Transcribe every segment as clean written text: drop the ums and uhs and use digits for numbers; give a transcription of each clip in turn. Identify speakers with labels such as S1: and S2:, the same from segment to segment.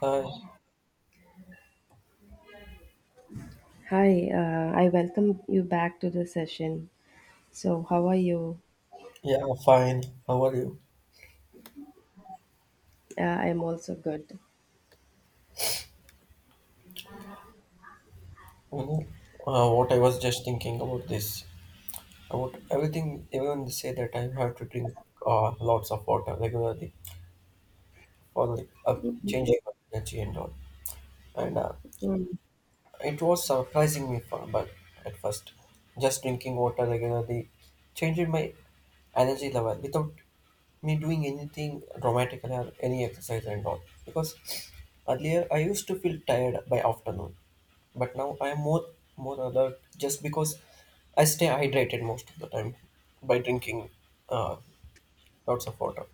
S1: Hi.
S2: Hi, I welcome you back to the session. So, how are you?
S1: Yeah, fine. How are you?
S2: I'm also good.
S1: You know, what I was just thinking about this, about everything, everyone say that I have to drink lots of water regularly for changing my energy and all. And
S2: Mm.
S1: It was surprising me for, but at first, just drinking water regularly changed my energy level without me doing anything dramatic or any exercise and all. Because earlier I used to feel tired by afternoon but now I am more alert just because I stay hydrated most of the time by drinking uh, lots of water.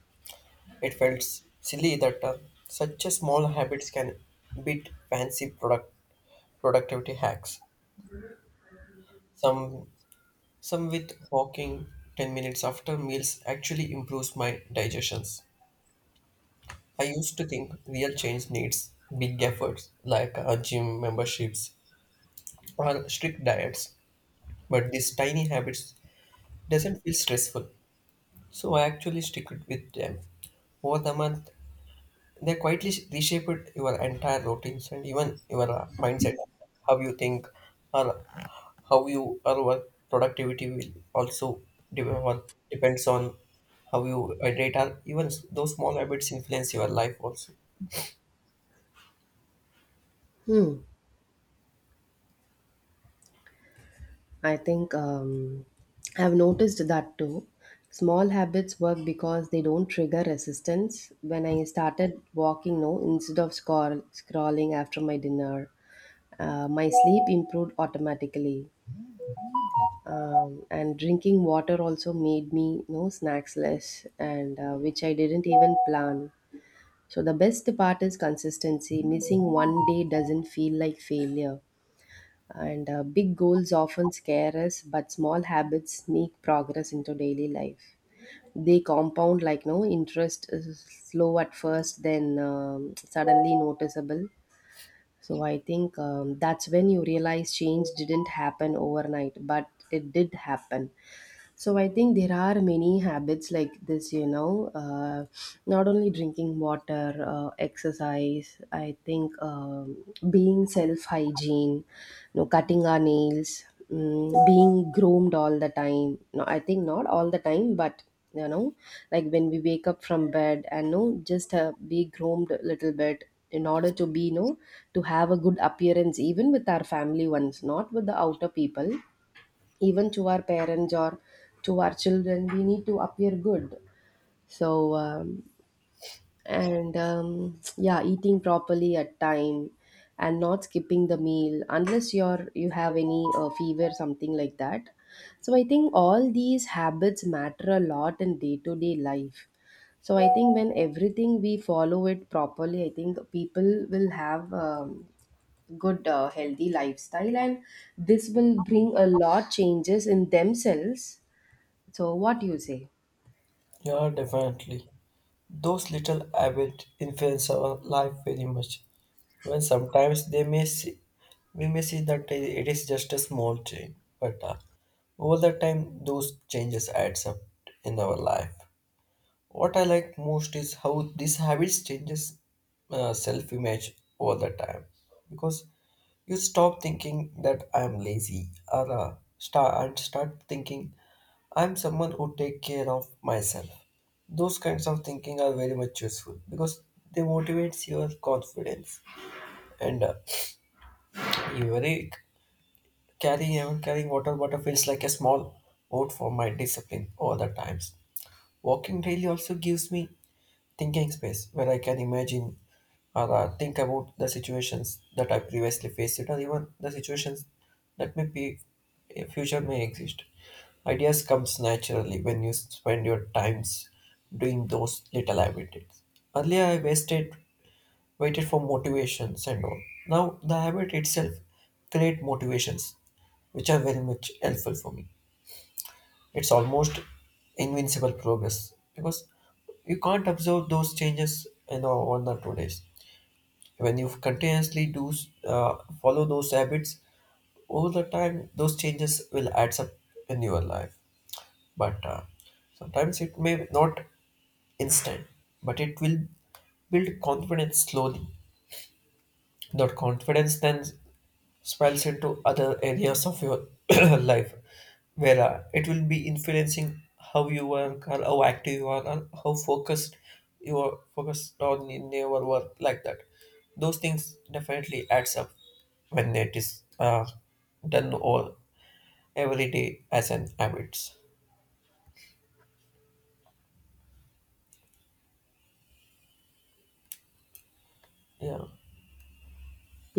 S1: It felt silly that such a small habits can beat fancy productivity hacks. Some some with walking 10 minutes after meals actually improves my digestions. I used to think real change needs big efforts like gym memberships or strict diets, but these tiny habits doesn't feel stressful. So I actually stick it with them. Over the month, they quietly reshaped your entire routines and even your mindset, how you think, or how you or work productivity will also develop. Depends on how you hydrate, or even those small habits influence your life also.
S2: Hmm. I think I've noticed that too. Small habits work because they don't trigger resistance. When I started walking, no, instead of scrolling after my dinner, my sleep improved automatically. And drinking water also made me no snacks less, and which I didn't even plan. So the best part is consistency. Missing one day doesn't feel like failure. And big goals often scare us, but small habits sneak progress into daily life. They compound like no interest is slow at first, then suddenly noticeable. So I think that's when you realize change didn't happen overnight, but it did happen. So I think there are many habits like this, you know, not only drinking water, exercise, I think being self hygiene, you know, cutting our nails, being groomed all the time. No, I think not all the time, but you know, like when we wake up from bed and no, just be groomed a little bit in order to be, you know, to have a good appearance, even with our family ones, not with the outer people, even to our parents or to our children we need to appear good, so and yeah, eating properly at time and not skipping the meal unless you have any fever something like that. So I think all these habits matter a lot in day to day life. So I think when everything we follow it properly, I think people will have good healthy lifestyle, and this will bring a lot changes in themselves. So what do you say?
S1: Yeah, definitely. Those little habits influence our life very much. Even sometimes they may see, we may see that it is just a small change, but over the time, those changes adds up in our life. What I like most is how these habits changes self-image over the time because you stop thinking that I'm lazy or uh, start thinking I'm someone who take care of myself. Those kinds of thinking are very much useful because they motivates your confidence and you very carrying even carrying water bottle feels like a small vote for my discipline over the times. Walking daily also gives me thinking space where I can imagine or think about the situations that I previously faced or even the situations that may be a future may exist. Ideas comes naturally when you spend your times doing those little habits. Earlier I wasted waited for motivations and all. Now the habit itself create motivations which are very much helpful for me. It's almost invincible progress because you can't observe those changes in 1 or 2 days. When you continuously uh, follow those habits over the time, those changes will add up in your life. But sometimes it may not instant, but it will build confidence slowly. That confidence then spills into other areas of your life where it will be influencing how you work or how active you are and how focused on in your work like that. Those things definitely adds up when it is done all every day as an habits, yeah,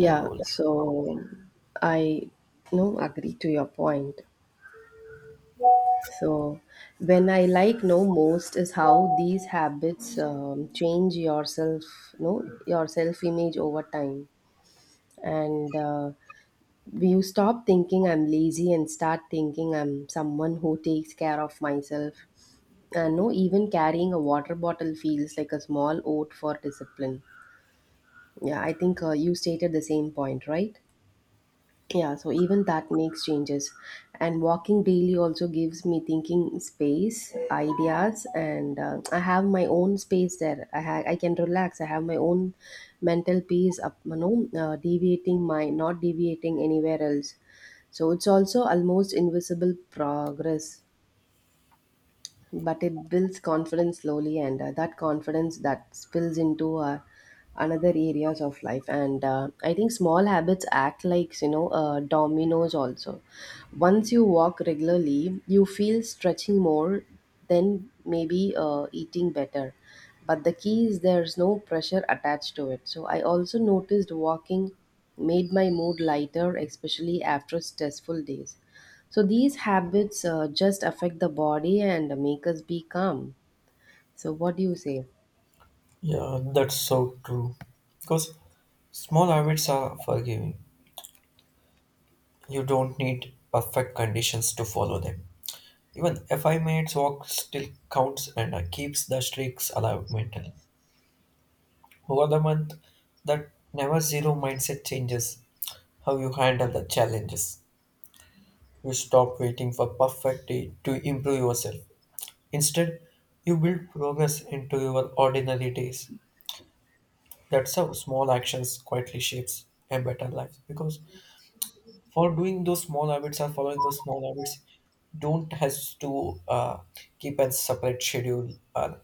S1: and all.
S2: so I no agree to your point. So when I like no most is how these habits change yourself, no, your self image over time, and you stop thinking I'm lazy and start thinking I'm someone who takes care of myself. And no, even carrying a water bottle feels like a small oath for discipline. Yeah, I think you stated the same point, right? Yeah, so even that makes changes. And walking daily also gives me thinking space, ideas, and I have my own space there. I can relax. I have my own mental peace. Up, you know, deviating my not deviating anywhere else. So it's also almost invisible progress, but it builds confidence slowly, and that confidence that spills into another areas of life. And I think small habits act like you know dominoes also. Once you walk regularly, you feel stretching more, then maybe eating better. But the key is there's no pressure attached to it. So I also noticed walking made my mood lighter, especially after stressful days. So these habits just affect the body and make us be calm. So what do you say?
S1: Yeah, that's so true because small habits are forgiving. You don't need perfect conditions to follow them. Even a 5 minutes walk still counts and keeps the streaks alive mentally. Over the month, that never zero mindset changes how you handle the challenges. You stop waiting for perfect day to improve yourself. Instead, you build progress into your ordinary days. That's how small actions quietly shapes a better life. Because for doing those small habits or following those small habits, don't has to keep a separate schedule or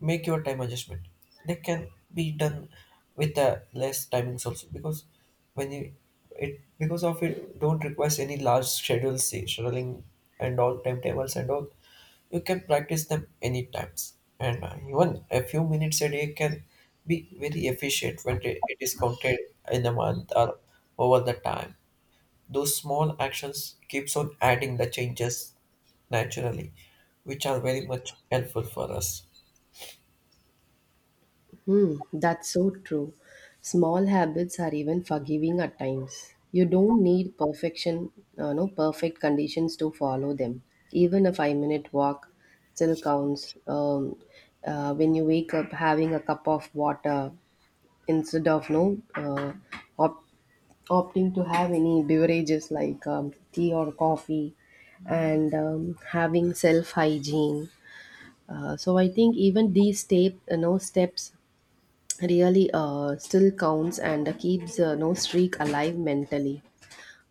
S1: make your time adjustment, they can be done with less timings also because when you it because of it don't requires any large scheduling and all timetables and all. You can practice them any times and even a few minutes a day can be very efficient when it is counted in a month or over the time. Those small actions keeps on adding the changes naturally, which are very much helpful for us.
S2: Hmm, that's so true. Small habits are even forgiving at times. You don't need perfection, no perfect conditions to follow them. Even a five-minute walk still counts. When you wake up, having a cup of water instead of no op- opting to have any beverages like tea or coffee, and having self hygiene, so I think even these step you know steps really still counts and keeps no streak alive mentally.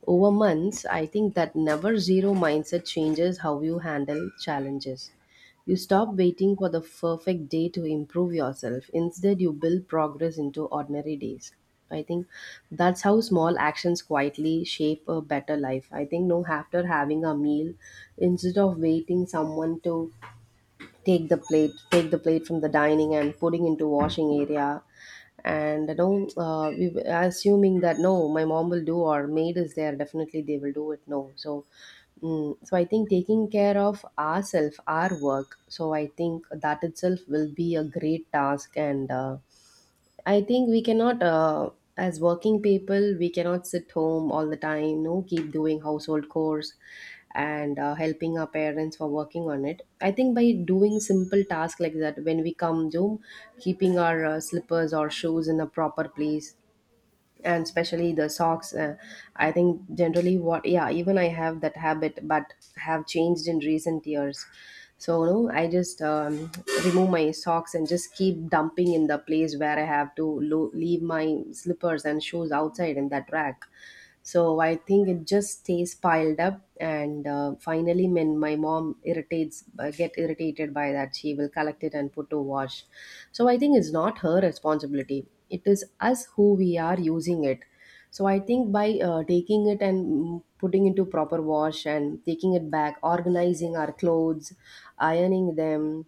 S2: Over months, I think that never zero mindset changes how you handle challenges. You stop waiting for the perfect day to improve yourself. Instead, you build progress into ordinary days. I think that's how small actions quietly shape a better life. I think no after having a meal, instead of waiting someone to take the plate from the dining and putting into washing area, and you know we were assuming that no my mom will do or maid is there, definitely they will do it, no. So so I think taking care of ourselves, our work, so I think that itself will be a great task. And I think we cannot, as working people, we cannot sit home all the time, no, keep doing household chores and helping our parents for working on it. I think by doing simple tasks like that, when we come home, keeping our slippers or shoes in a proper place, and especially the socks, I think generally what, yeah, even I have that habit but have changed in recent years. So no, I just remove my socks and just keep dumping in the place where I have to leave my slippers and shoes outside in that rack. So I think it just stays piled up, and finally, when my mom irritates, get irritated by that, she will collect it and put to wash. So I think it's not her responsibility. It is us who we are using it. So I think by taking it and putting into proper wash and taking it back, organizing our clothes, ironing them,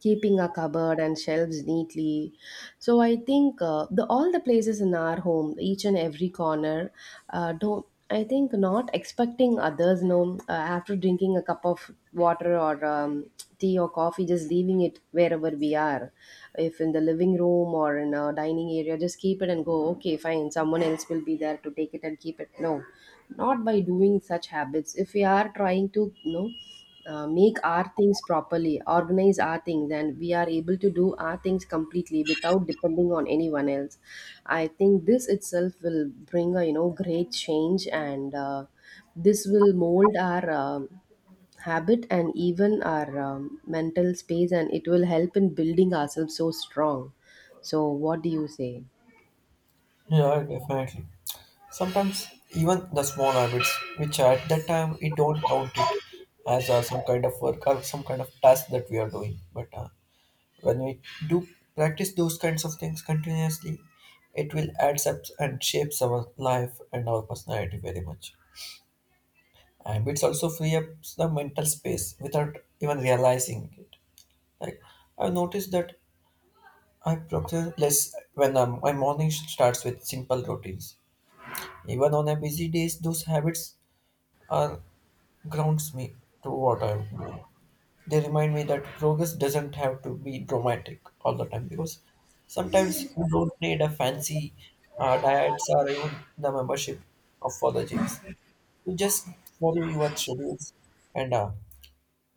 S2: keeping a cupboard and shelves neatly, so I think the all the places in our home, each and every corner, don't, I think not expecting others no, after drinking a cup of water or tea or coffee, just leaving it wherever we are, if in the living room or in a dining area, just keep it and go, okay fine, someone else will be there to take it and keep it, no. Not by doing such habits, if we are trying to you know make our things properly, organize our things, and we are able to do our things completely without depending on anyone else. I think this itself will bring a you know great change, and this will mold our habit and even our mental space, and it will help in building ourselves so strong. So, what do you say?
S1: Yeah, definitely. Sometimes even the small habits, which at that time we don't count it as some kind of work or some kind of task that we are doing. But when we do practice those kinds of things continuously, it will add up and shapes our life and our personality very much. And it's also free up the mental space without even realizing it. Like I noticed that I procrastinate less when my morning starts with simple routines. Even on a busy days, those habits are grounds me to what I'm doing. They remind me that progress doesn't have to be dramatic all the time because sometimes you don't need a fancy diets or even the membership of for the gyms. You just follow your schedules and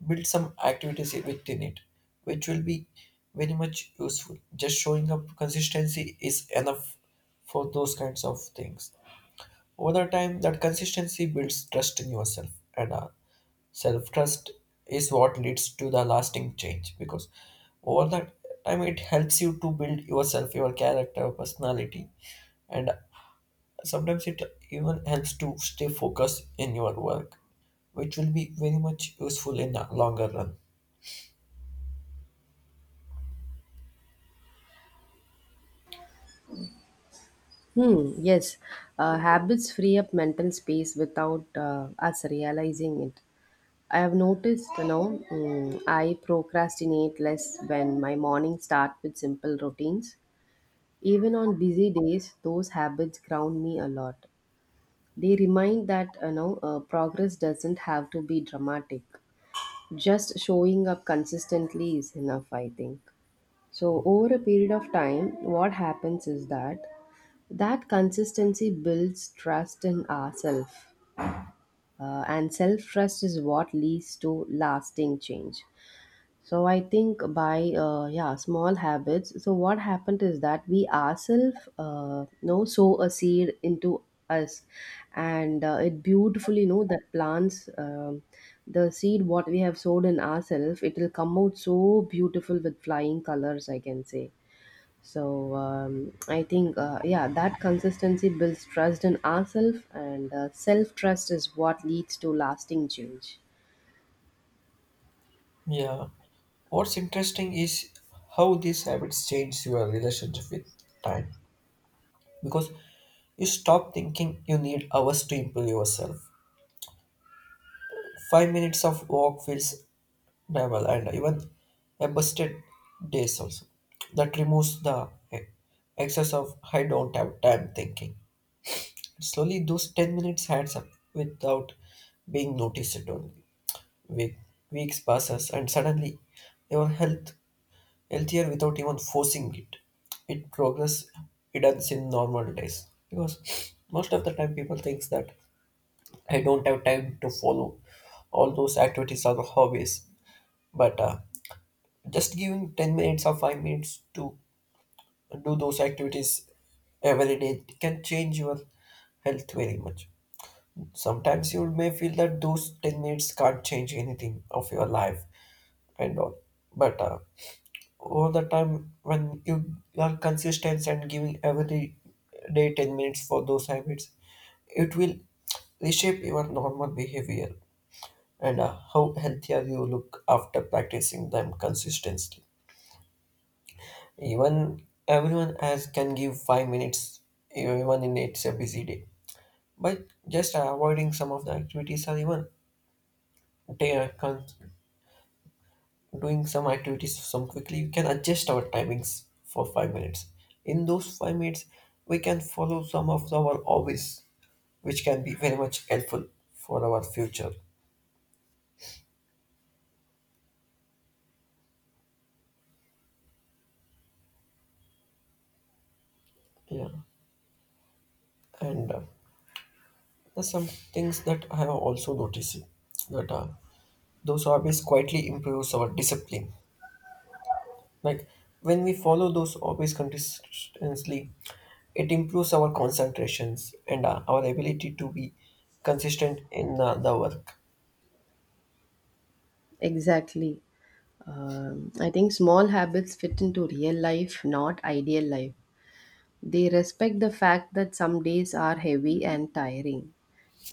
S1: build some activities within it, which will be very much useful. Just showing up consistency is enough for those kinds of things. Over the time, that consistency builds trust in yourself and self trust is what leads to the lasting change because over that time it helps you to build yourself, your character, personality, and sometimes it even helps to stay focused in your work, which will be very much useful in the longer run.
S2: Hmm, yes, habits free up mental space without us realizing it. I have noticed, you know, I procrastinate less when my mornings start with simple routines. Even on busy days, those habits ground me a lot. They remind that, you know, progress doesn't have to be dramatic. Just showing up consistently is enough, I think. So, over a period of time, what happens is that consistency builds trust in ourselves, and self-trust is what leads to lasting change. So I think by yeah small habits. So what happened is that we ourselves know sow a seed into us, and it beautifully know that plants the seed what we have sowed in ourselves it will come out so beautiful with flying colors I can say. So I think yeah that consistency builds trust in ourselves, and self trust is what leads to lasting change.
S1: Yeah. What's interesting is how these habits change your relationship with time because you stop thinking you need hours to improve yourself. 5 minutes of walk feels naval and even a busted days also. That removes the excess of I don't have time thinking. Slowly those 10 minutes adds up without being noticed only. Week, weeks passes and suddenly your healthier without even forcing it. It progress hidden in normal days. Because most of the time people thinks that I don't have time to follow all those activities or hobbies. But just giving 10 minutes or 5 minutes to do those activities every day can change your health very much. Sometimes you may feel that those 10 minutes can't change anything of your life and all, but all the time when you are consistent and giving every day 10 minutes for those habits, it will reshape your normal behavior and how healthier you look after practicing them consistently. Even everyone else can give 5 minutes, even in it's a busy day. But just avoiding some of the activities or even day uh, con- doing some activities some quickly, we can adjust our timings for 5 minutes. In those 5 minutes, we can follow some of our hobbies, which can be very much helpful for our future. Yeah, and there's some things that I have also noticed that those hobbies quietly improves our discipline. Like when we follow those hobbies consistently, it improves our concentrations and our ability to be consistent in the work.
S2: Exactly. I think small habits fit into real life, not ideal life. They respect the fact that some days are heavy and tiring.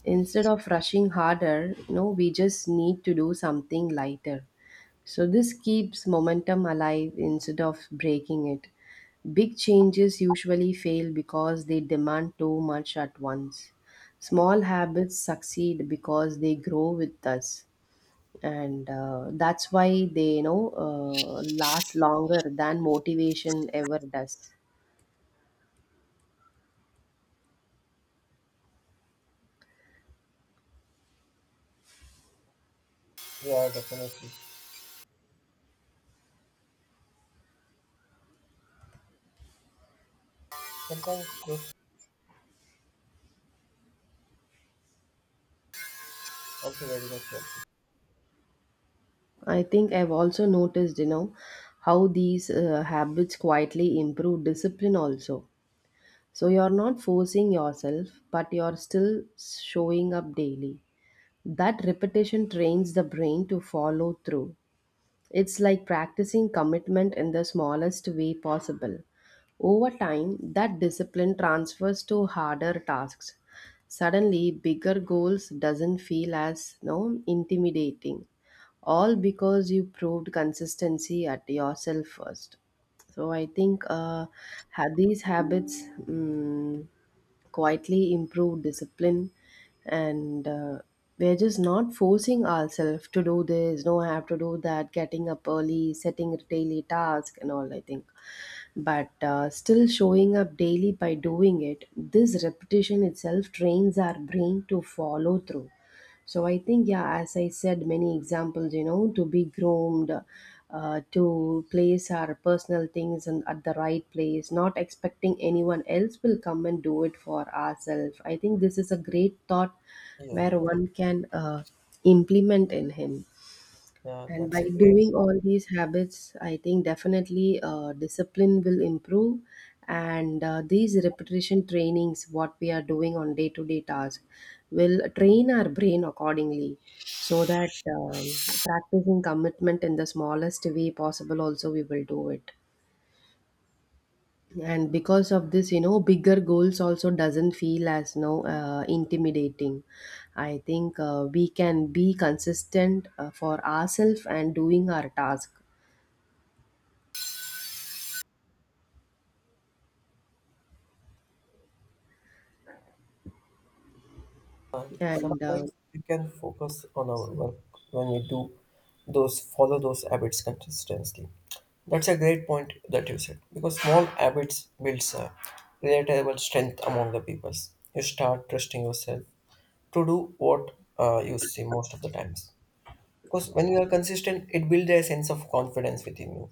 S2: Instead of rushing harder, you know, we just need to do something lighter. So this keeps momentum alive instead of breaking it. Big changes usually fail because they demand too much at once. Small habits succeed because they grow with us, and that's why they you know last longer than motivation ever does.
S1: Yeah, definitely. Sometimes those also very much helpful.
S2: I think I've also noticed, you know, how these habits quietly improve discipline also. So you're not forcing yourself, but you're still showing up daily. That repetition trains the brain to follow through. It's like practicing commitment in the smallest way possible. Over time, that discipline transfers to harder tasks. Suddenly, bigger goals doesn't feel as no intimidating, all because you proved consistency at yourself first. So I think these habits quietly improve discipline, and we're just not forcing ourselves to do this no I have to do that getting up early setting daily tasks and all I think. But still showing up daily by doing it, this repetition itself trains our brain to follow through. So I think, yeah, as I said, many examples, you know, to be groomed, to place our personal things and at the right place, not expecting anyone else will come and do it for ourselves. I think this is a great thought
S1: Yeah,
S2: where one can implement in him.
S1: yeah,
S2: And
S1: that's
S2: by
S1: a great.
S2: doing all these habits, I think definitely discipline will improve. And these repetition trainings, what we are doing on day to day task, will train our brain accordingly so that practicing commitment in the smallest way possible, also, we will do it and because of this bigger goals also doesn't feel as no intimidating. I think we can be consistent for ourselves and doing our task. And
S1: Sometimes we can focus on our work when we do those follow those habits consistently. That's a great point that you said because small habits builds a relatable strength among the peoples. You start trusting yourself to do what you see most of the times because when you are consistent, it builds a sense of confidence within you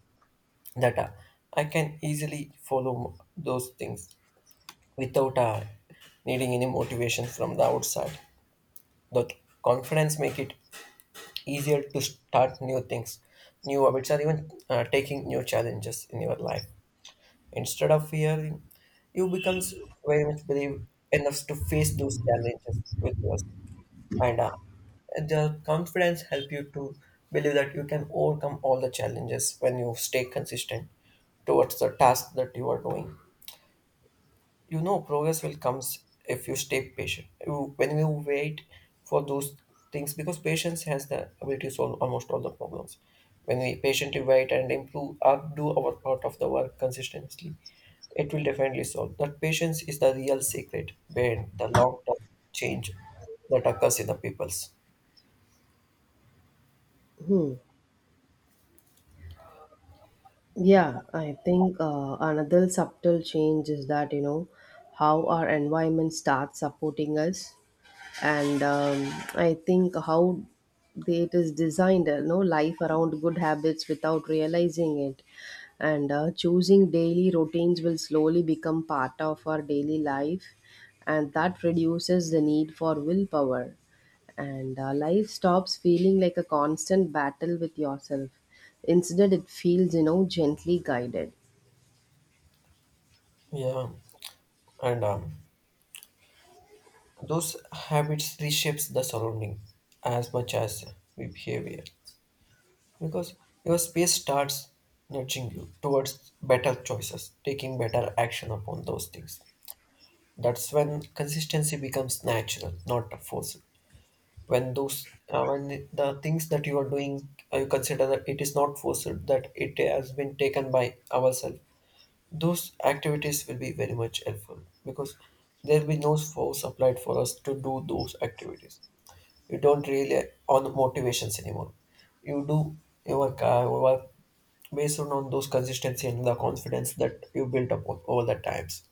S1: that I can easily follow those things without needing any motivation from the outside. The confidence make it easier to start new things, new habits or even taking new challenges in your life. Instead of fearing, you becomes very much believe enough to face those challenges with yourself, and the confidence help you to believe that you can overcome all the challenges when you stay consistent towards the task that you are doing. You know progress will comes if you stay patient you, when you wait for those things because patience has the ability to solve almost all the problems. When we patiently wait and improve or do our part of the work consistently, it will definitely solve that patience is the real secret behind the long-term change that occurs in the peoples.
S2: Yeah, I think another subtle change is that, you know, how our environment starts supporting us. And I think how they, it is designed, you know, life around good habits without realizing it. And choosing daily routines will slowly become part of our daily life. And that reduces the need for willpower. And life stops feeling like a constant battle with yourself. Instead it feels, you know, gently guided.
S1: Yeah, and those habits reshapes the surrounding as much as we behavior because your space starts nudging you towards better choices, taking better action upon those things. That's when consistency becomes natural, not forced. When those when the things that you are doing, you consider that it is not forced, that it has been taken by ourselves. Those activities will be very much helpful because there will be no force applied for us to do those activities. You don't rely on motivations anymore. You do your work based on those consistency and the confidence that you built up over the times.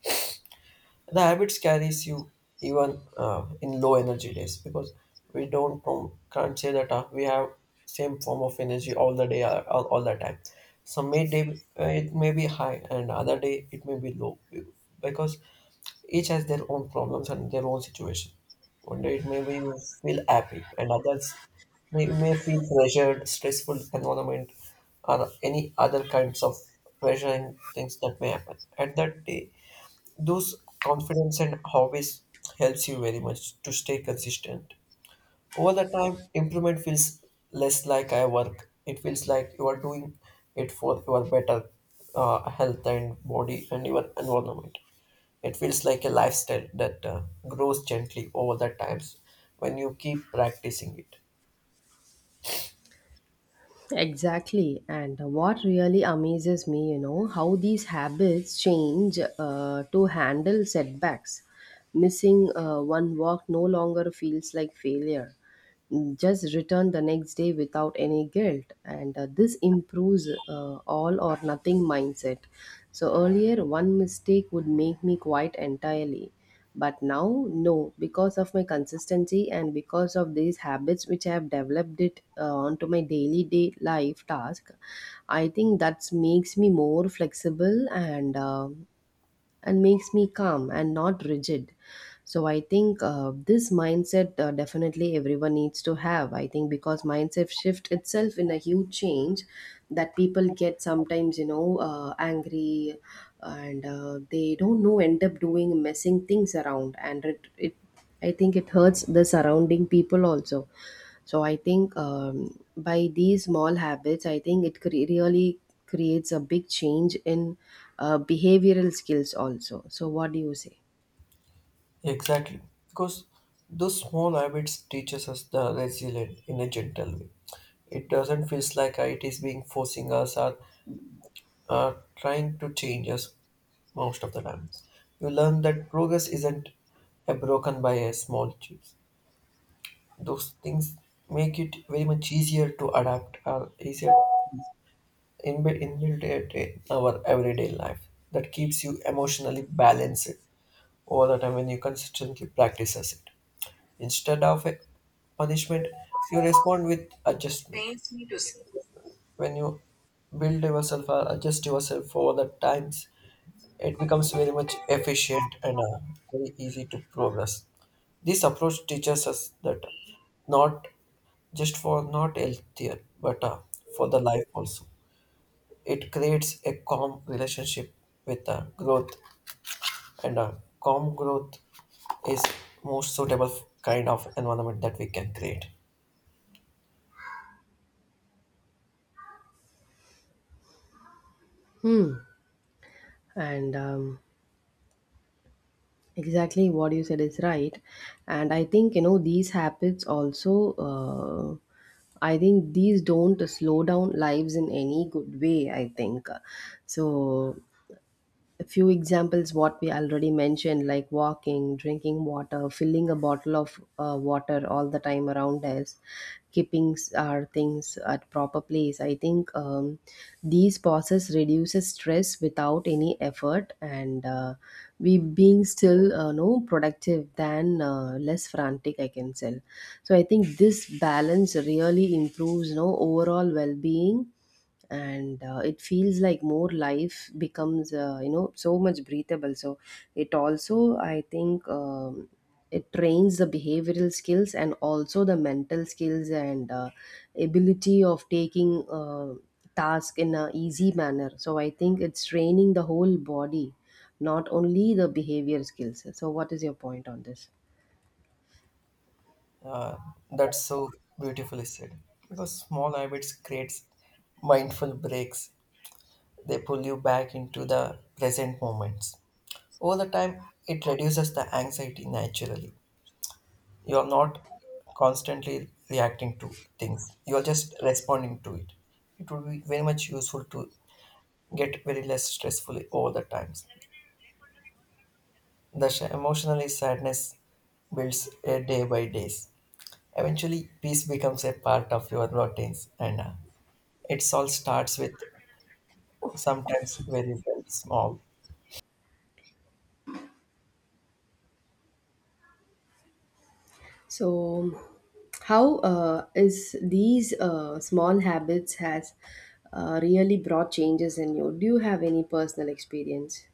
S1: The habits carries you even in low energy days because we don't know- can't say that we have same form of energy all the day all the time. Some may day it may be high and other day it may be low because each has their own problems and their own situation. One day it may be you feel happy, and others may feel pressured, stressful environment, or any other kinds of pressuring things that may happen. At that day, those confidence and hobbies helps you very much to stay consistent over the time, improvement feels less like I work. It feels like you are doing it for your better health and body and your environment. It feels like a lifestyle that grows gently over the times when you keep practicing it.
S2: Exactly, and what really amazes me, you know, how these habits change to handle setbacks. Missing one walk no longer feels like failure. Just return the next day without any guilt, and this improves all or nothing mindset. So earlier one mistake would make me quite entirely, but now no, because of my consistency and because of these habits which I have developed it onto my daily day life task. I think that makes me more flexible and and makes me calm and not rigid. So I think this mindset definitely everyone needs to have, I think, because mindset shift itself in a huge change that people get sometimes, you know, angry, and they don't know end up doing messing things around and it I think it hurts the surrounding people also. So I think by these small habits, I think really creates a big change in behavioral skills also. So what do you say?
S1: Exactly, because those small habits teaches us the resilient in a gentle way. It doesn't feel like it is being forcing us or trying to change us most of the time. You learn that progress isn't broken by a small change. Those things make it very much easier to adapt or easier embed inbuilt it in our everyday life. That keeps you emotionally balanced over the time when you consistently practices it. Instead of a punishment, you respond with adjustment. When you build yourself or adjust yourself over the times it becomes very much efficient and very easy to progress. This approach teaches us that not just for not healthier, but for the life also. It creates a calm relationship with growth, and calm growth is most suitable kind of environment that we can create.
S2: Hmm. And exactly what you said is right. And I think, you know, these habits also, I think these don't slow down lives in any good way, I think. So a few examples what we already mentioned, like walking, drinking water, filling a bottle of water all the time around us, keeping our things at proper place. I think these pauses reduces stress without any effort, and we being still no productive than less frantic, I can say. So I think this balance really improves no overall well being, and it feels like more life becomes, you know, so much breathable. So it also, I think, it trains the behavioral skills and also the mental skills, and ability of taking task in a easy manner. So I think it's training the whole body, not only the behavior skills. So what is your point on this?
S1: Uh, that's so beautifully said. Because small habits creates mindful breaks. They pull you back into the present moments. Over the time, it reduces the anxiety naturally. You are not constantly reacting to things, you are just responding to it. It would be very much useful to get very less stressful over the times. The emotionally sadness builds a day by days. Eventually, peace becomes a part of your routines, and it all starts with sometimes very, very small.
S2: So, how is these small habits has really brought changes in you? Do you have any personal experience?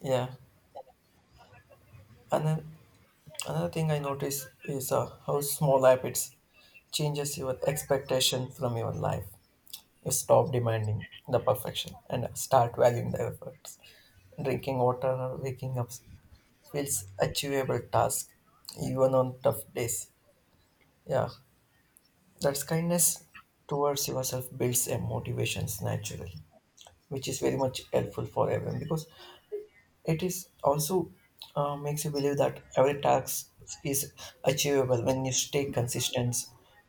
S1: Yeah, and then another thing I notice is how small habits changes your expectation from your life. You stop demanding the perfection and start valuing the efforts. Drinking water or waking up feels achievable task, even on tough days. Yeah, that's kindness towards yourself builds a motivations naturally, which is very much helpful for everyone because it is also makes you believe that every task is achievable when you stay consistent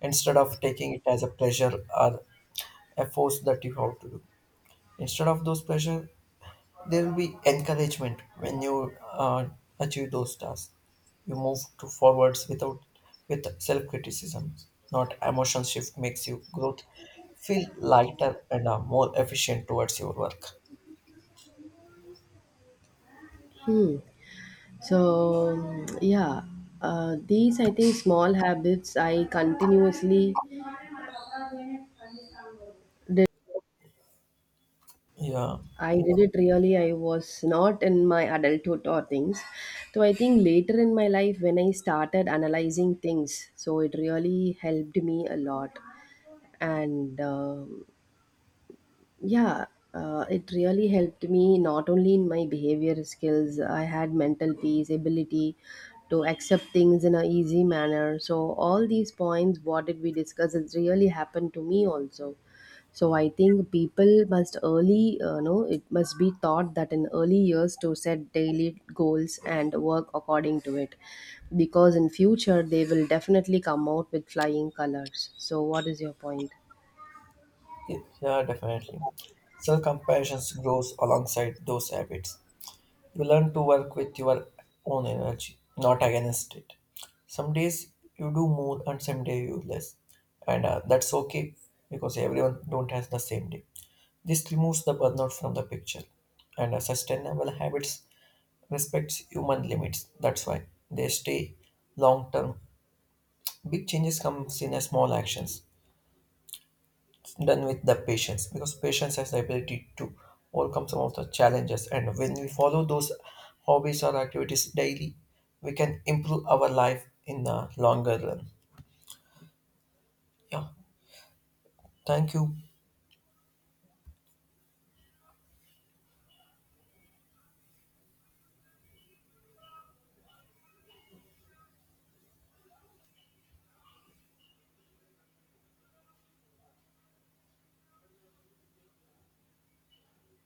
S1: instead of taking it as a pleasure or a force that you have to do. Instead of those pleasure, there will be encouragement when you achieve those tasks. You move to forwards without with self criticism. Not emotion shift makes you growth feel lighter and more efficient towards your work.
S2: Hmm. So, yeah, these I think small habits I continuously did.
S1: Yeah.
S2: I did it really. I was not in my adulthood or things. So I think later in my life when I started analyzing things, so it really helped me a lot, and yeah, it really helped me not only in my behavior skills. I had mental peace, ability to accept things in an easy manner. So all these points what did we discuss, it really happened to me also. So I think people must early know, it must be taught that in early years to set daily goals and work according to it, because in future they will definitely come out with flying colors. So what is your point?
S1: Yeah, yeah, definitely. Self compassion grows alongside those habits. You learn to work with your own energy, not against it. Some days you do more and some day you less. And That's okay because everyone don't has the same day. This removes the burnout from the picture. And Sustainable habits respects human limits. That's why they stay long term. Big changes comes in a small actions. Done with the patience because patience has the ability to overcome some of the challenges, and when we follow those hobbies or activities daily we can improve our life in the longer run. Yeah, thank you.